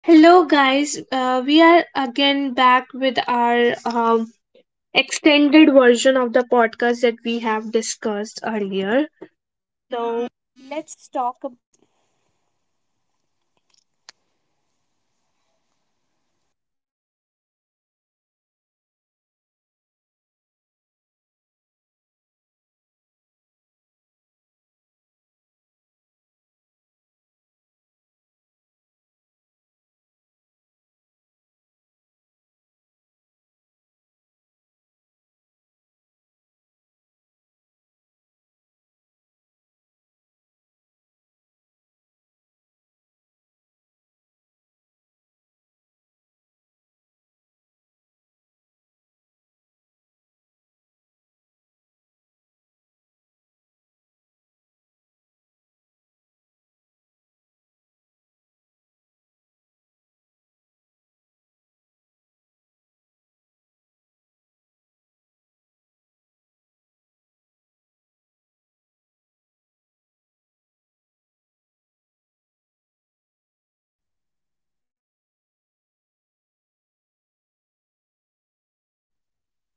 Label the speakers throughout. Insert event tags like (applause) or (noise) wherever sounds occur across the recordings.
Speaker 1: Hello, guys. We are again back with our extended version of the podcast that we have discussed earlier.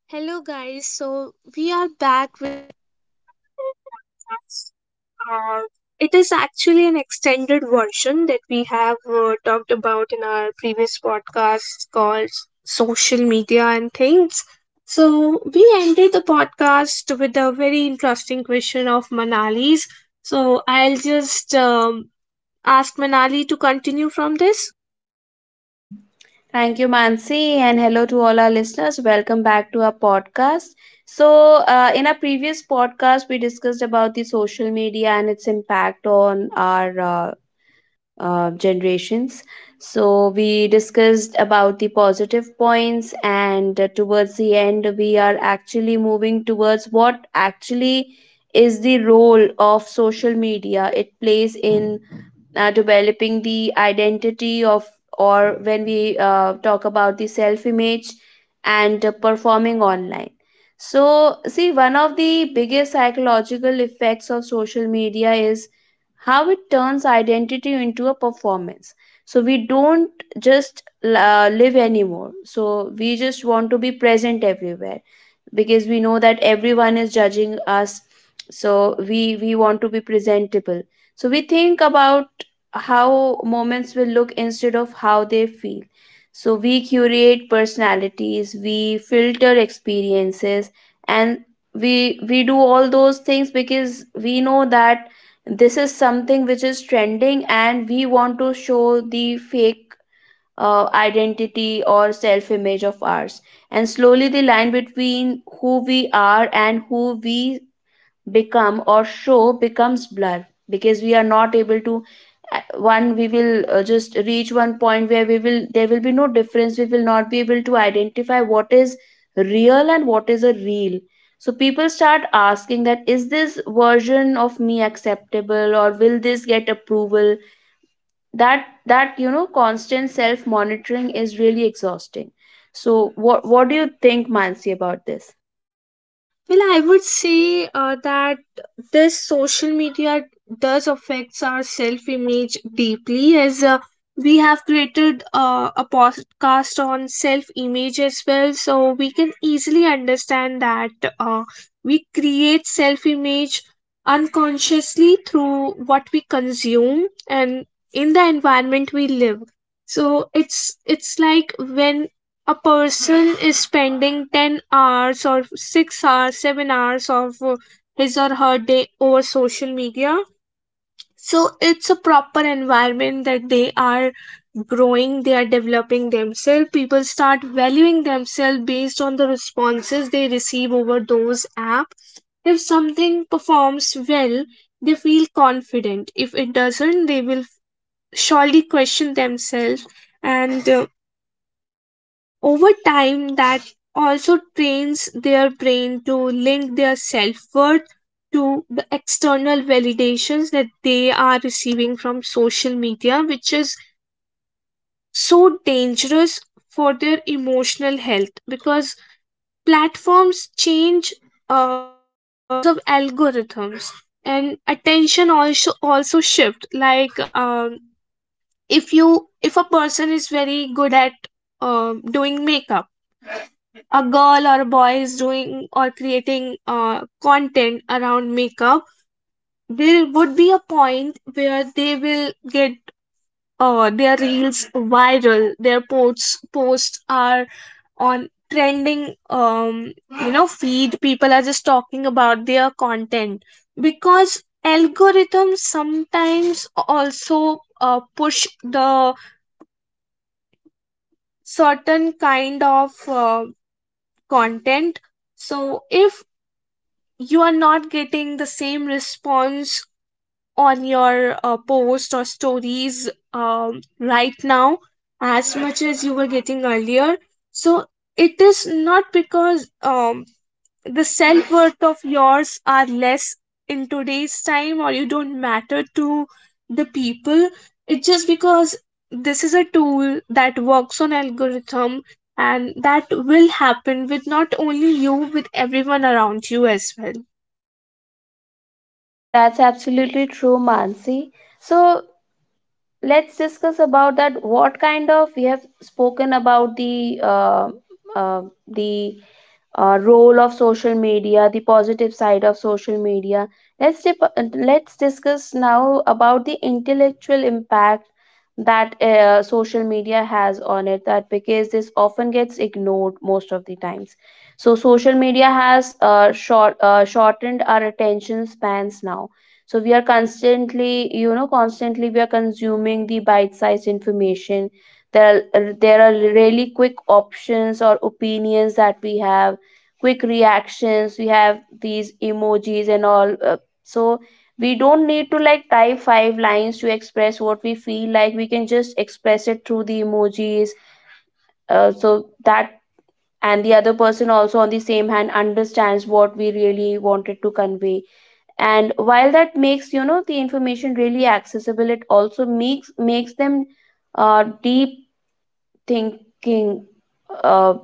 Speaker 1: Hello, guys. So, we are back with podcast. Uh, it is actually an extended version that we have talked in our previous podcast called Social Media and Things. So, we ended the podcast with a very interesting question of Manali's. So, I'll just ask Manali to continue from this.
Speaker 2: Thank you, Mansi, and hello to all our listeners. Welcome back to our podcast. So, in our previous podcast, we discussed about the social media and its impact on our generations. So, we discussed about the positive points, and towards the end, we are actually moving towards what actually is the role of social media it plays in developing the identity of, or when we talk about the self image and performing online. So, see, one of the biggest psychological effects of social media is how it turns identity into a performance. So we don't just live anymore. So we just want to be present everywhere, because we know that everyone is judging us. So we want to be presentable. So we think about how moments will look instead of how they feel. So we curate personalities, we filter experiences, and we do all those things because we know that this is something which is trending, and we want to show the fake identity or self image of ours. And slowly the line between who we are and who we become or show becomes blur, because we are not able to one, we will just reach one point where we will there will be no difference, we will not be able to identify what is real and what is a real. So people start asking, that is this version of me acceptable, or will this get approval? That constant self monitoring is really exhausting. So what do you think, Mansi, about this?
Speaker 1: Well, I would say that this social media does affects our self image deeply, as we have created a podcast on self image as well, so we can easily understand that uh, we create self image unconsciously through what we consume and in the environment we live. So it's like when a person is spending 10 hours or 6 hours 7 hours of his or her day over social media, so it's a proper environment that they are growing, they are developing themselves. People start valuing themselves based on the responses they receive over those apps. If something performs well, they feel confident. If it doesn't, they will surely question themselves. And Over time, that also trains their brain to link their self worth to the external validations that they are receiving from social media, which is so dangerous for their emotional health because platforms change uh, because of algorithms, and attention also shift. Like, if you if a person is very good at doing makeup, a girl or a boy is doing or creating content around makeup, there would be a point where they will get their reels viral. Their posts are on trending. You know, feed. People are just talking about their content because algorithms sometimes also push the certain kind of content. So if you are not getting the same response on your post or stories right now as much as you were getting earlier, so it is not because the self worth of yours are less in today's time, or you don't matter to the people. It's just because this is a tool that works on algorithm, and that will happen with not only you, with everyone around you as well.
Speaker 2: That's absolutely true, Mansi. So, let's discuss about that. What kind of we have spoken about the uh, uh, the role of social media, the positive side of social media. Let's discuss now about the intellectual impact that social media has on it. That, because this often gets ignored most of the times. So social media has shortened our attention spans now. So we are constantly we are consuming the bite-sized information. There are really quick options or opinions that we have, quick reactions, we have these emojis and all, so we don't need to like type five lines to express what we feel, like we can just express it through the emojis, so that, and the other person also on the same hand understands what we really wanted to convey. And while that makes, the information really accessible, it also makes them deep thinking, uh,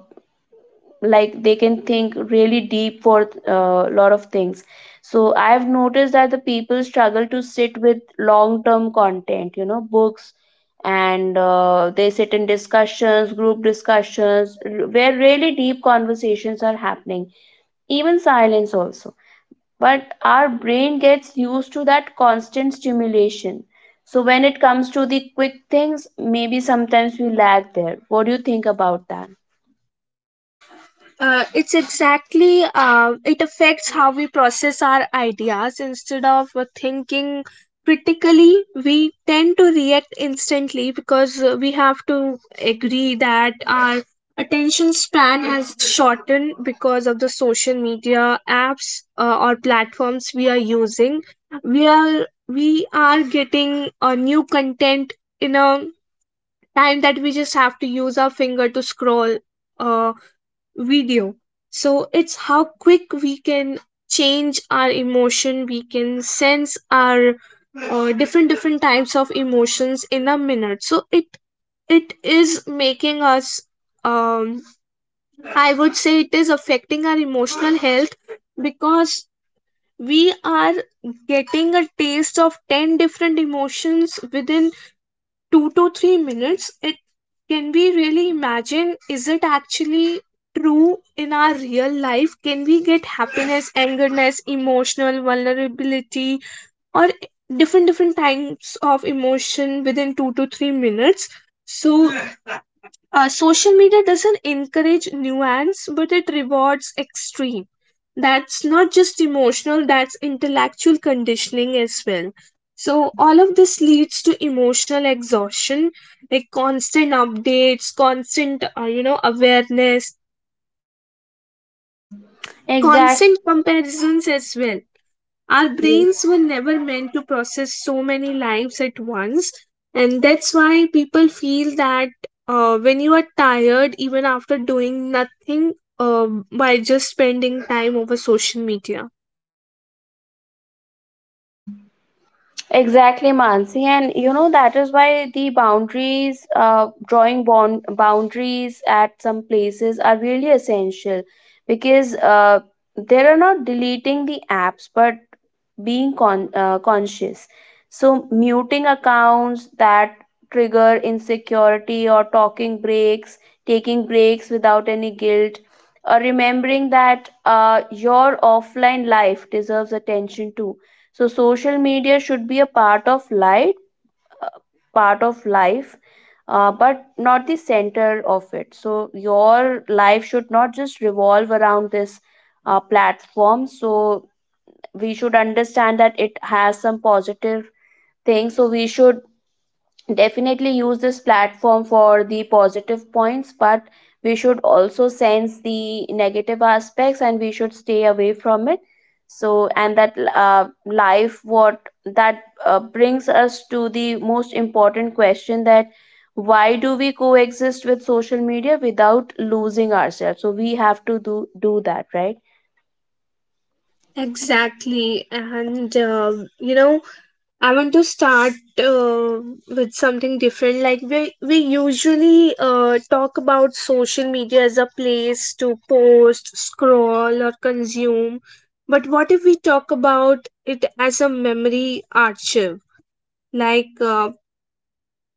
Speaker 2: like they can think really deep for a lot of things. So I've noticed that the people struggle to sit with long term content, books, and they sit in discussions, group discussions, where really deep conversations are happening, even silence also. But our brain gets used to that constant stimulation. So when it comes to the quick things, maybe sometimes we lag there. What do you think about that?
Speaker 1: It's exactly, it affects how we process our ideas. Instead of thinking critically, we tend to react instantly because we have to agree that our attention span has shortened because of the social media apps or platforms we are using. We are getting a new content in a time that we just have to use our finger to scroll uh, video. So it's how quick we can change our emotion, we can sense our different types of emotions in a minute. So it is making us um I would say it is affecting our emotional health because we are getting a taste of 10 different emotions within 2 to 3 minutes. It, can we really imagine, is it actually true in our real life? Can we get happiness, angerness, emotional vulnerability, or different different types of emotion within 2 to 3 minutes? So social media doesn't encourage nuance, but it rewards extreme. That's not just emotional, that's intellectual conditioning as well. So all of this leads to emotional exhaustion, like constant updates, constant you know, awareness,
Speaker 2: Exactly.
Speaker 1: constant comparisons as well. Our brains were never meant to process so many lives at once, and that's why people feel that when you are tired even after doing nothing, by just spending time over social media.
Speaker 2: Exactly, Mansi. And, you know, that is why the boundaries, drawing bond boundaries at some places are really essential because they are not deleting the apps but being con- conscious. So, muting accounts that trigger insecurity or talking breaks, taking breaks without any guilt, or remembering that your offline life deserves attention too so social media should be a uh, part of life but not the center of it so your life should not just revolve around this platform so we should understand that it has some positive things so we should definitely use this platform for the positive points but we should also sense the negative aspects and we should stay away from it so and that life what that brings us to the most important question that why do we coexist with social media without losing ourselves so we have to do do that right
Speaker 1: Exactly, and you know, I want to start uh, with something different. Like we usually talk about social media as a place to post, scroll, or consume. But what if we talk about it as a memory archive? Like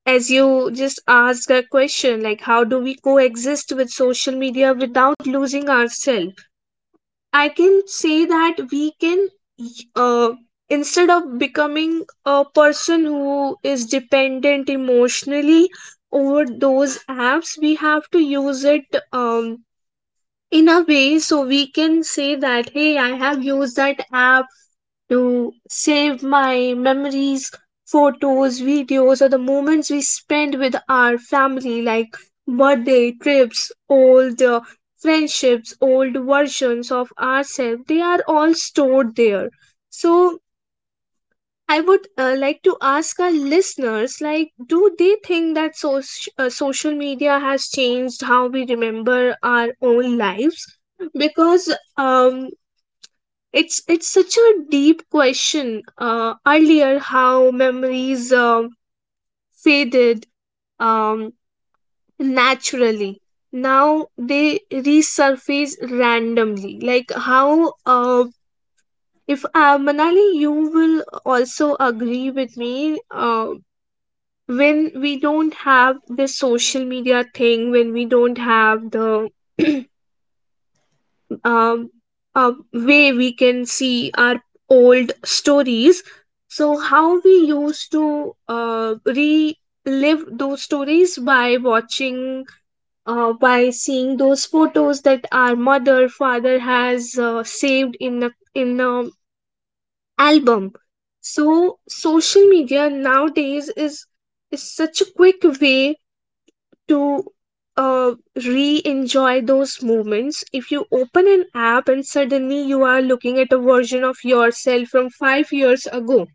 Speaker 1: as you just asked a question, like how do we coexist with social media without losing ourselves? I can say that we can, uh, instead of becoming a person who is dependent emotionally over those apps, we have to use it um, in a way so we can say that, hey, I have used that app to save my memories, photos, videos, or the moments we spend with our family, like birthday trips, old friendships, old versions of ourselves. They are all stored there. So I would like to ask our listeners, like, do they think that social media has changed how we remember our own lives? Because it's such a deep question. Earlier, how memories faded um, naturally. Now they resurface randomly. Like how if Manali, you will also agree with me. When we don't have the social media thing, when we don't have the (clears throat) um, a way we can see our old stories. So, how we used to relive those stories by watching, by seeing those photos that our mother, father has saved in a album. So, social media nowadays is such a quick way to uh, re enjoy those moments. If you open an app and suddenly you are looking at a version of yourself from 5 years ago,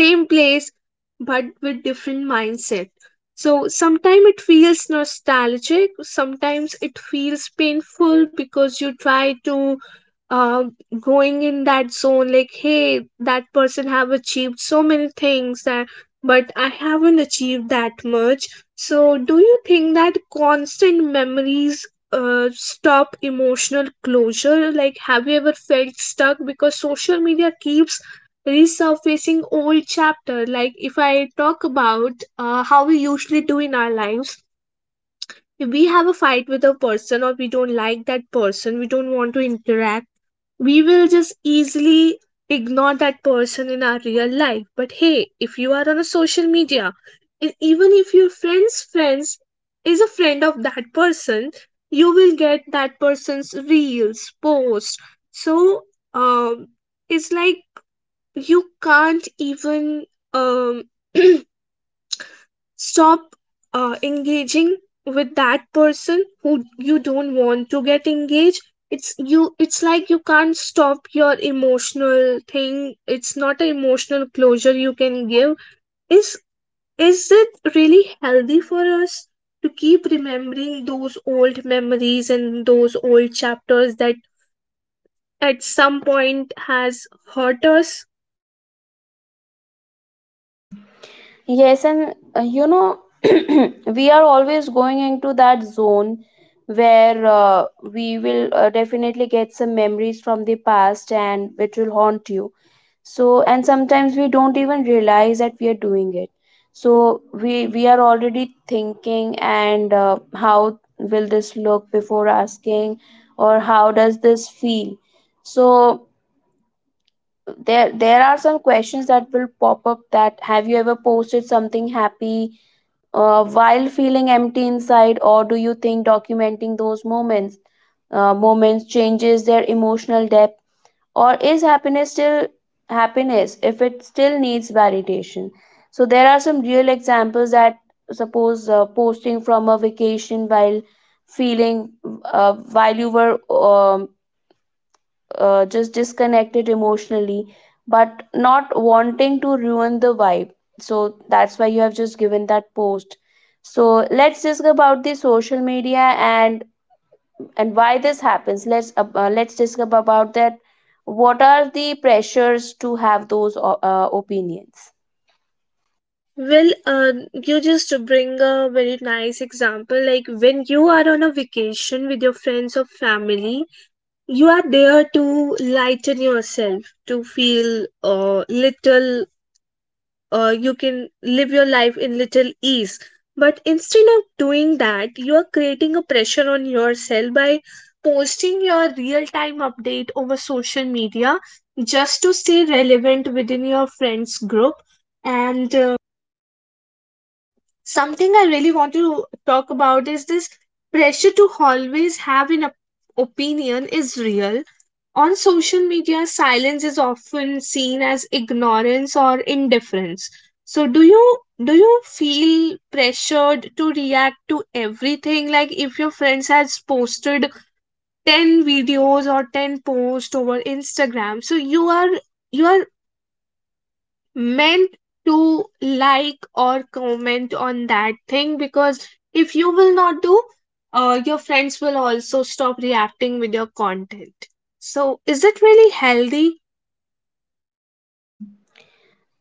Speaker 1: same place but with different mindset. So sometimes it feels nostalgic, sometimes it feels painful because you try to, uh, going in that zone like, hey, that person have achieved so many things, that but I haven't achieved that much. So do you think that constant memories stop emotional closure, like have you ever felt stuck because social media keeps resurfacing old chapter? Like if I talk about how we usually do in our lives, if we have a fight with a person or we don't like that person, we don't want to interact, we will just easily ignore that person in our real life. But hey, if you are on a social media, even if your friend's friends is a friend of that person, you will get that person's reels posts. So um it's like you can't even um, (clears throat) stop engaging with that person who you don't want to get engaged. It's like you can't stop your emotional thing. It's not an emotional closure you can give. Is is it really healthy for us to keep remembering those old memories and those old chapters that at some point has hurt us?
Speaker 2: Yes, and (clears throat) we are always going into that zone where we will definitely get some memories from the past and which will haunt you. So, and sometimes we don't even realize that we are doing it. So, we are already thinking and how will this look before asking, or how does this feel? So, there are some questions that will pop up, that, have you ever posted something happy while feeling empty inside, or do you think documenting those moments changes their emotional depth, or is happiness still happiness if it still needs validation? So there are some real examples, that, suppose posting from a vacation while feeling while you were just disconnected emotionally, but not wanting to ruin the vibe. So that's why you have just given that post. So let's discuss about the social media, and why this happens. Let's discuss about that. What are the pressures to have those opinions?
Speaker 1: Well, you just bring a very nice example. Like when you are on a vacation with your friends or family, you are there to lighten yourself, to feel little, you can live your life in little ease. But instead of doing that, you are creating a pressure on yourself by posting your real time update over social media just to stay relevant within your friends group. And Something I really want to talk about is this pressure to always have an opinion is real. On social media, silence is often seen as ignorance or indifference. So do you feel pressured to react to everything? Like if your friends has posted 10 videos or 10 posts over Instagram, so you are meant to like or comment on that thing, because if you will not do, your friends will also stop reacting with your content. So, is it really healthy?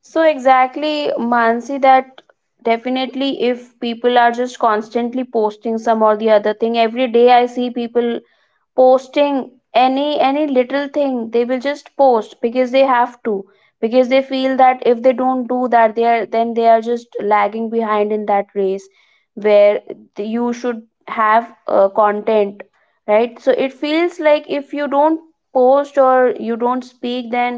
Speaker 2: So exactly, Mansi, that definitely if people are just constantly posting some or the other thing every day, I see people posting any little thing. They will just post because they have to, because they feel that if they don't do that, they are, then they are just lagging behind in that race where, you should have content, right? So it feels like if you don't post or you don't speak, then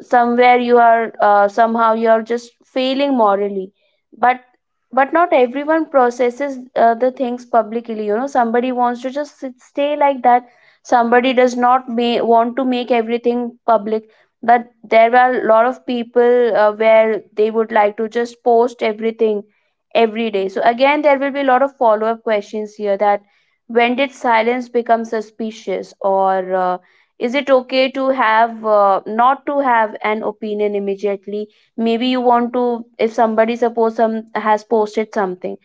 Speaker 2: somewhere you are, somehow you are just failing morally. But but not everyone processes the things publicly. Somebody wants to just sit, stay like that. Somebody does not want to make everything public. But there are a lot of people where they would like to just post everything every day. So again there will be a lot of follow up questions here, that, when did silence become suspicious, or is it okay to have not to have an opinion immediately? Maybe you want to, if somebody, suppose some has posted something,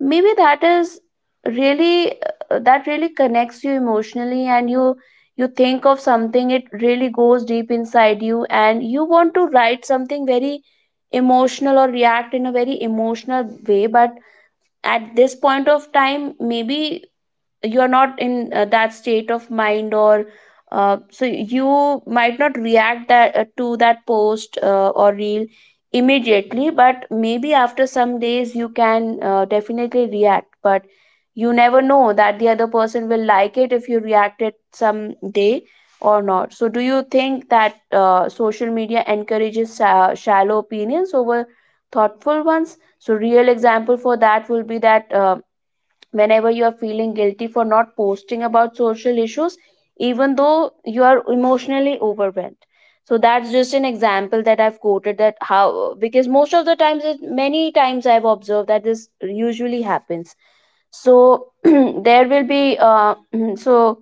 Speaker 2: maybe that is really, that really connects you emotionally, and you think of something, it really goes deep inside you, and you want to write something very emotional or react in a very emotional way. But at this point of time, maybe you are not in that state of mind, or so you might not react that to that post, or reel immediately. But maybe after some days you can definitely react, but you never know that the other person will like it if you react it some day or not. So do you think that social media encourages shallow opinions over thoughtful ones? So real example for that will be that, whenever you are feeling guilty for not posting about social issues, even though you are emotionally overwhelmed. So that's just an example that I've quoted, that how, because most of the times many times I've observed that this usually happens. So (clears throat) there will be (clears throat) so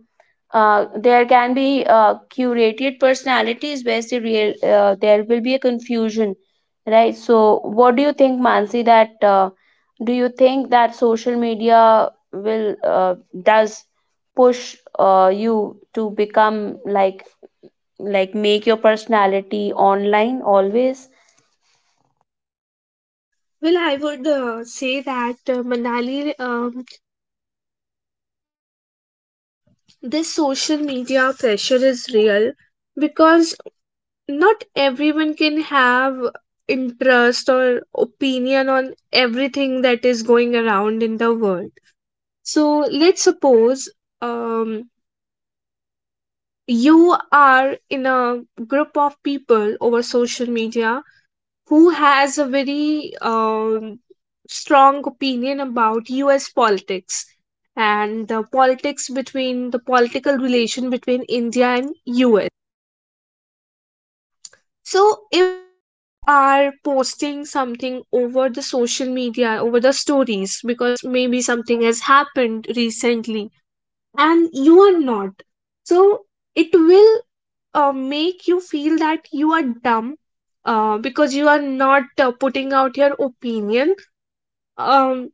Speaker 2: there can be curated personalities where there will be a confusion, right? So what do you think, Mansi, that do you think that social media will, does push you to become like, make your personality online always?
Speaker 1: Well, I would say that Manali, this social media pressure is real because not everyone can have interest or opinion on everything that is going around in the world. So, let's suppose um, you are in a group of people over social media who has a very strong opinion about US politics and the politics between the political relation between India and US. So if they are posting something over the social media over the stories because maybe something has happened recently, and you are not, so it will make you feel that you are dumb because you are not putting out your opinion. Um,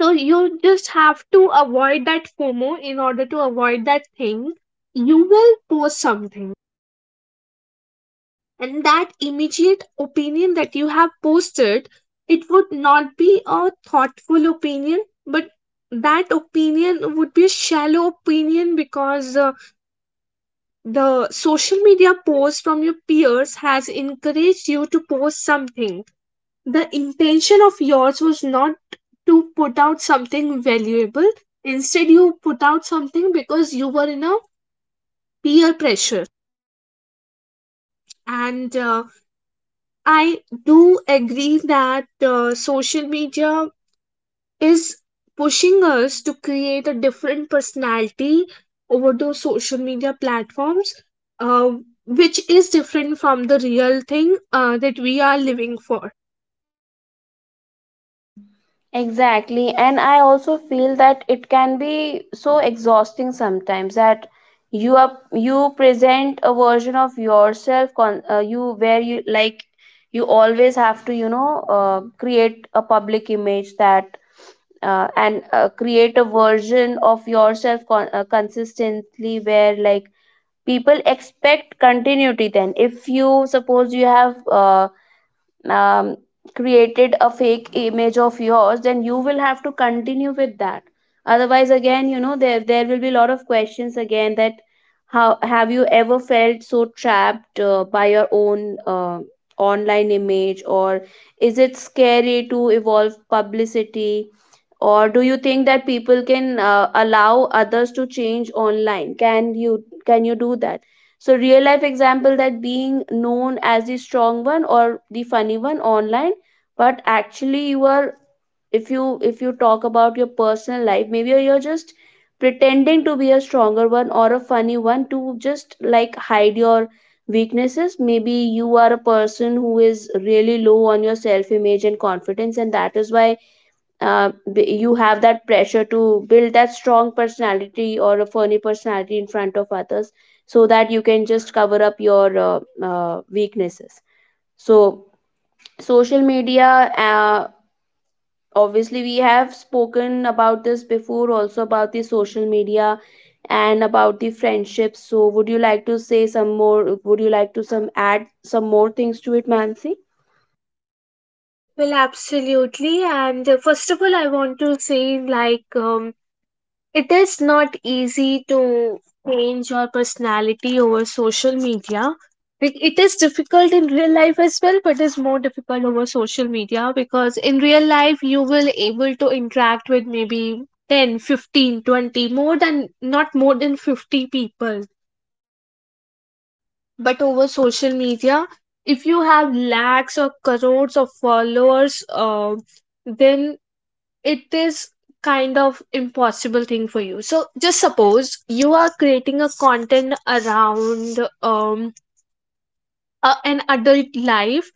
Speaker 1: so you just have to avoid that FOMO in order to avoid that thing. You will post something, and that immediate opinion that you have posted, it would not be a thoughtful opinion, but that opinion would be a shallow opinion because the social media post from your peers has encouraged you to post something. The intention of yours was not to put out something valuable. Instead, you put out something because you were in a peer pressure. And I do agree that social media is pushing us to create a different personality over those social media platforms, uh, which is different from the real thing that we are living for.
Speaker 2: Exactly. And I also feel that it can be so exhausting sometimes, that you present a version of yourself, con you, where you like you always have to, create a public image, that and create a version of yourself consistently, where like people expect continuity. Then if you, suppose you have um, created a fake image of yours, then you will have to continue with that. Otherwise, again, there will be a lot of questions again, that how, have you ever felt so trapped by your own online image, or is it scary to evolve publicity, or do you think that people can allow others to change online? Can you do that? So real life example, that being known as the strong one or the funny one online, but actually you are if you talk about your personal life, maybe you're just pretending to be a stronger one or a funny one to just like hide your weaknesses. Maybe you are a person who is really low on your self image and confidence, and that is why you have that pressure to build that strong personality or a funny personality in front of others so that you can just cover up your weaknesses. So social media, uh, obviously we have spoken about this before also, about the social media and about the friendships. So would you like to say some more? Would you like to some add some more things to it, mansi?
Speaker 1: Well, absolutely. And first of all, I want to say, like, it is not easy to change your personality over social media. Like, it is difficult in real life as well, but it's more difficult over social media because in real life you will able to interact with maybe 10, 15, 20, more than not more than 50 people. But over social media, if you have lakhs or crores of followers, then it is kind of impossible thing for you. So just suppose you are creating a content around an adult life,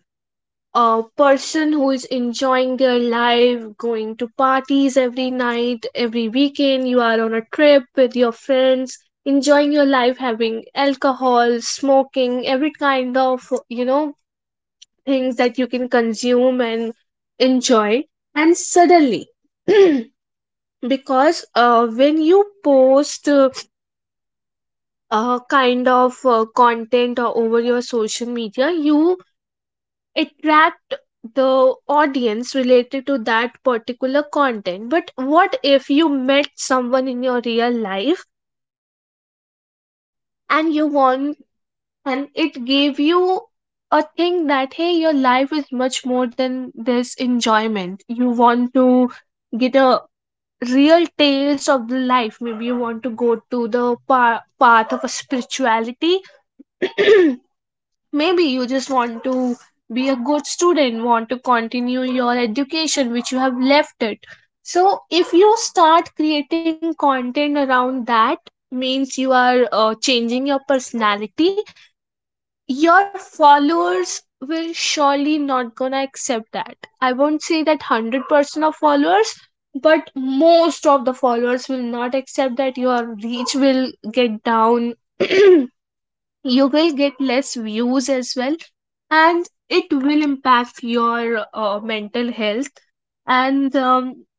Speaker 1: a person who is enjoying their life, going to parties every night, every weekend you are on a trip with your friends, enjoying your life, having alcohol, smoking, every kind of, you know, things that you can consume and enjoy. And suddenly (clears throat) because when you post a kind of content or over your social media, you attract the audience related to that particular content. But what if you met someone in your real life and you want, and it gave you a thing that, hey, your life is much more than this enjoyment, you want to get a real taste of the life? Maybe you want to go to the path of a spirituality. (clears throat) Maybe you just want to be a good student, want to continue your education which you have left it. So if you start creating content around that, means you are changing your personality, your followers will surely not gonna accept that. I won't say that 100% of followers, but most of the followers will not accept that. Your reach will get down. (clears throat) You will get less views as well, and it will impact your mental health. And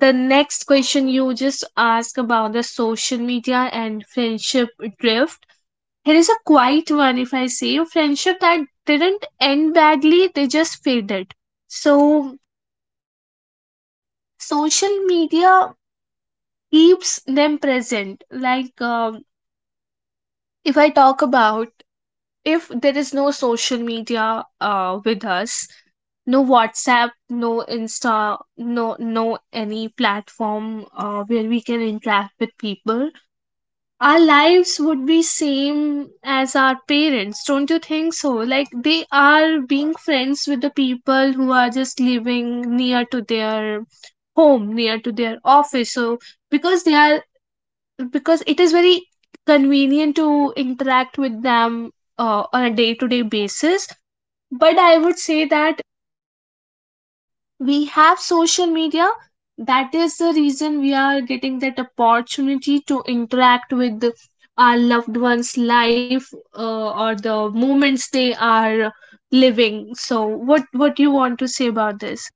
Speaker 1: The next question you just asked about the social media and friendship drift, here is a quiet one, if I say friendship that didn't end badly, they just faded. So, social media keeps them present. Like, if I talk about, if there is no social media with us, no WhatsApp, no Insta, no any platform where we can interact with people, our lives would be same as our parents, don't you think so? Like they are being friends with the people who are just living near to their home, near to their office. So because they are, because it is very convenient to interact with them on a day to day basis. But I would say that we have social media, that is the reason we are getting that opportunity to interact with our loved ones life, or the moments they are living. So what do you want to say about this?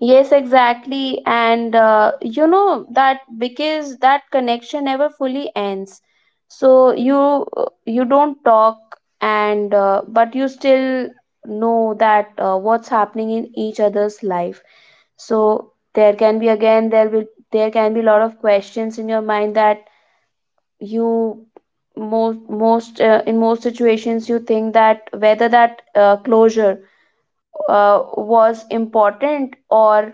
Speaker 2: Yes, exactly. And you know that because that connection never fully ends. So you don't talk, and but you still know that what's happening in each other's life. So there can be, again, there will, there can be a lot of questions in your mind that you most most in most situations you think that whether that closure was important or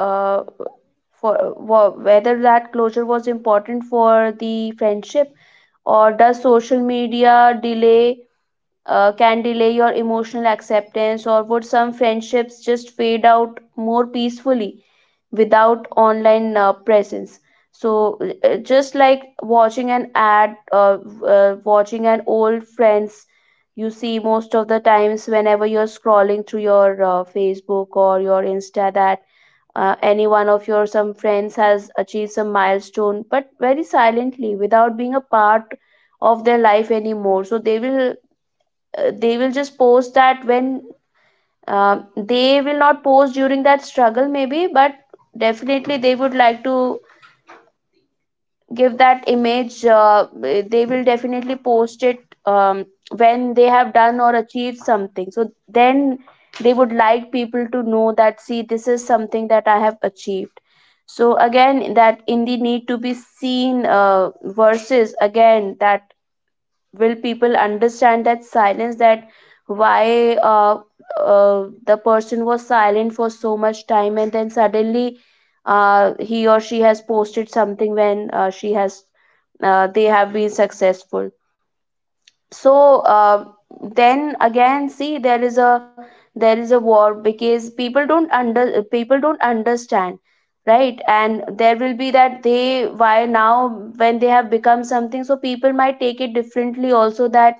Speaker 2: uh, for whether that closure was important for the friendship, or does social media delay, can delay your emotional acceptance, or would some friendships just fade out more peacefully without online presence. So just like watching an ad, watching an old friends, you see most of the times whenever you're scrolling through your facebook or your insta, that any one of your some friends has achieved some milestone, but very silently, without being a part of their life anymore. So they will, they will just post that when, they will not post during that struggle maybe, but definitely they would like to give that image. Uh, they will definitely post it um, when they have done or achieved something. So then they would like people to know that, see, this is something that I have achieved. So again, that in the need to be seen versus, again, that will people understand that silence, that why, the person was silent for so much time, and then suddenly he or she has posted something when she has, they have been successful. So uh, then again, see, there is a, there is a war, because people don't understand, right? And there will be that, they, why now, when they have become something? So people might take it differently also, that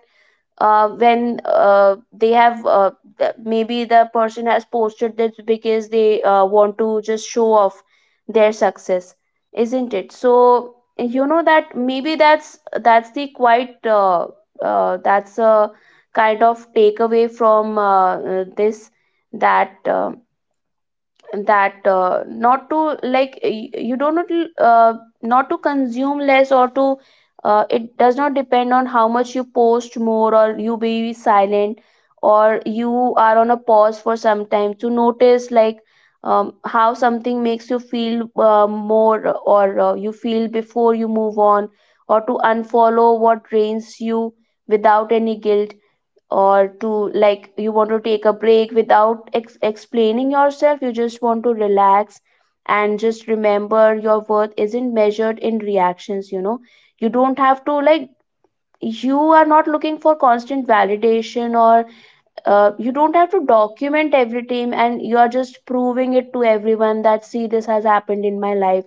Speaker 2: when they have, maybe the person has posted this because they want to just show off their success, isn't it? So you know that, maybe that's the quite that's a kind of takeaway from this, that um that not to like, you do not, uh, not to consume less, or to, it does not depend on how much you post more, or you be silent, or you are on a pause for some time to notice like how something makes you feel, more, or you feel before you move on, or to unfollow what drains you without any guilt, or to like, you want to take a break without explaining yourself, you just want to relax and just remember your worth isn't measured in reactions, you know. You don't have to, like, you are not looking for constant validation, or you don't have to document every time and you are just proving it to everyone that, see, this has happened in my life.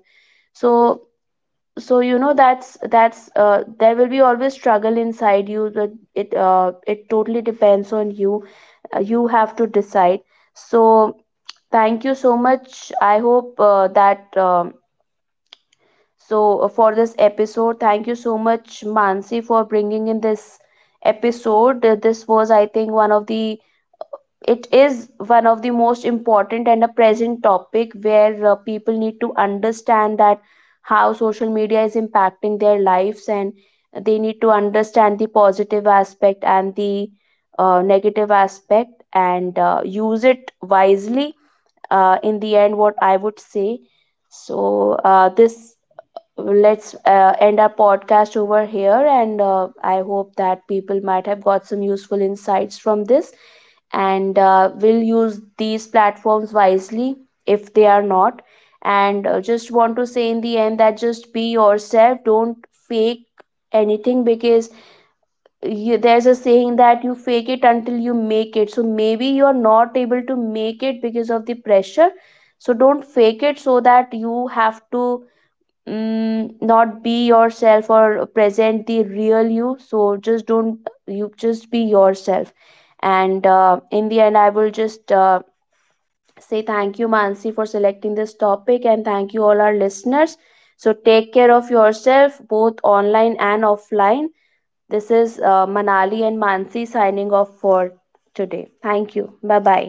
Speaker 2: So so you know, that's there will be always struggle inside you, but it totally depends on you. You have to decide. So thank you so much. I hope that so for this episode, thank you so much, mansi, for bringing in this episode. This was, I think, one of the, it is one of the most important and a present topic, where people need to understand that how social media is impacting their lives, and they need to understand the positive aspect and the negative aspect, and use it wisely. In the end, what I would say, so this, let's end our podcast over here, and I hope that people might have got some useful insights from this, and will use these platforms wisely, if they are not. And just want to say in the end that, just be yourself, don't fake anything, because you, there's a saying that you fake it until you make it. So maybe you're not able to make it because of the pressure. So don't fake it, so that you have to not be yourself or present the real you. So just don't, you just be yourself. And in the end, I will just say thank you, mansi, for selecting this topic, and thank you all our listeners. So take care of yourself, both online and offline. This is manali and mansi signing off for today. Thank you, bye bye.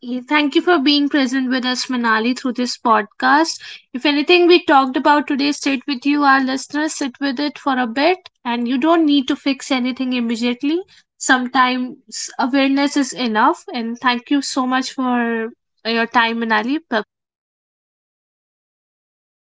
Speaker 1: Yeah, thank you for being present with us, Manali, through this podcast. If anything we talked about today stayed with you, our listeners, sit with it for a bit, and you don't need to fix anything immediately. Sometimes awareness is enough. And thank you so much for your time, Manali.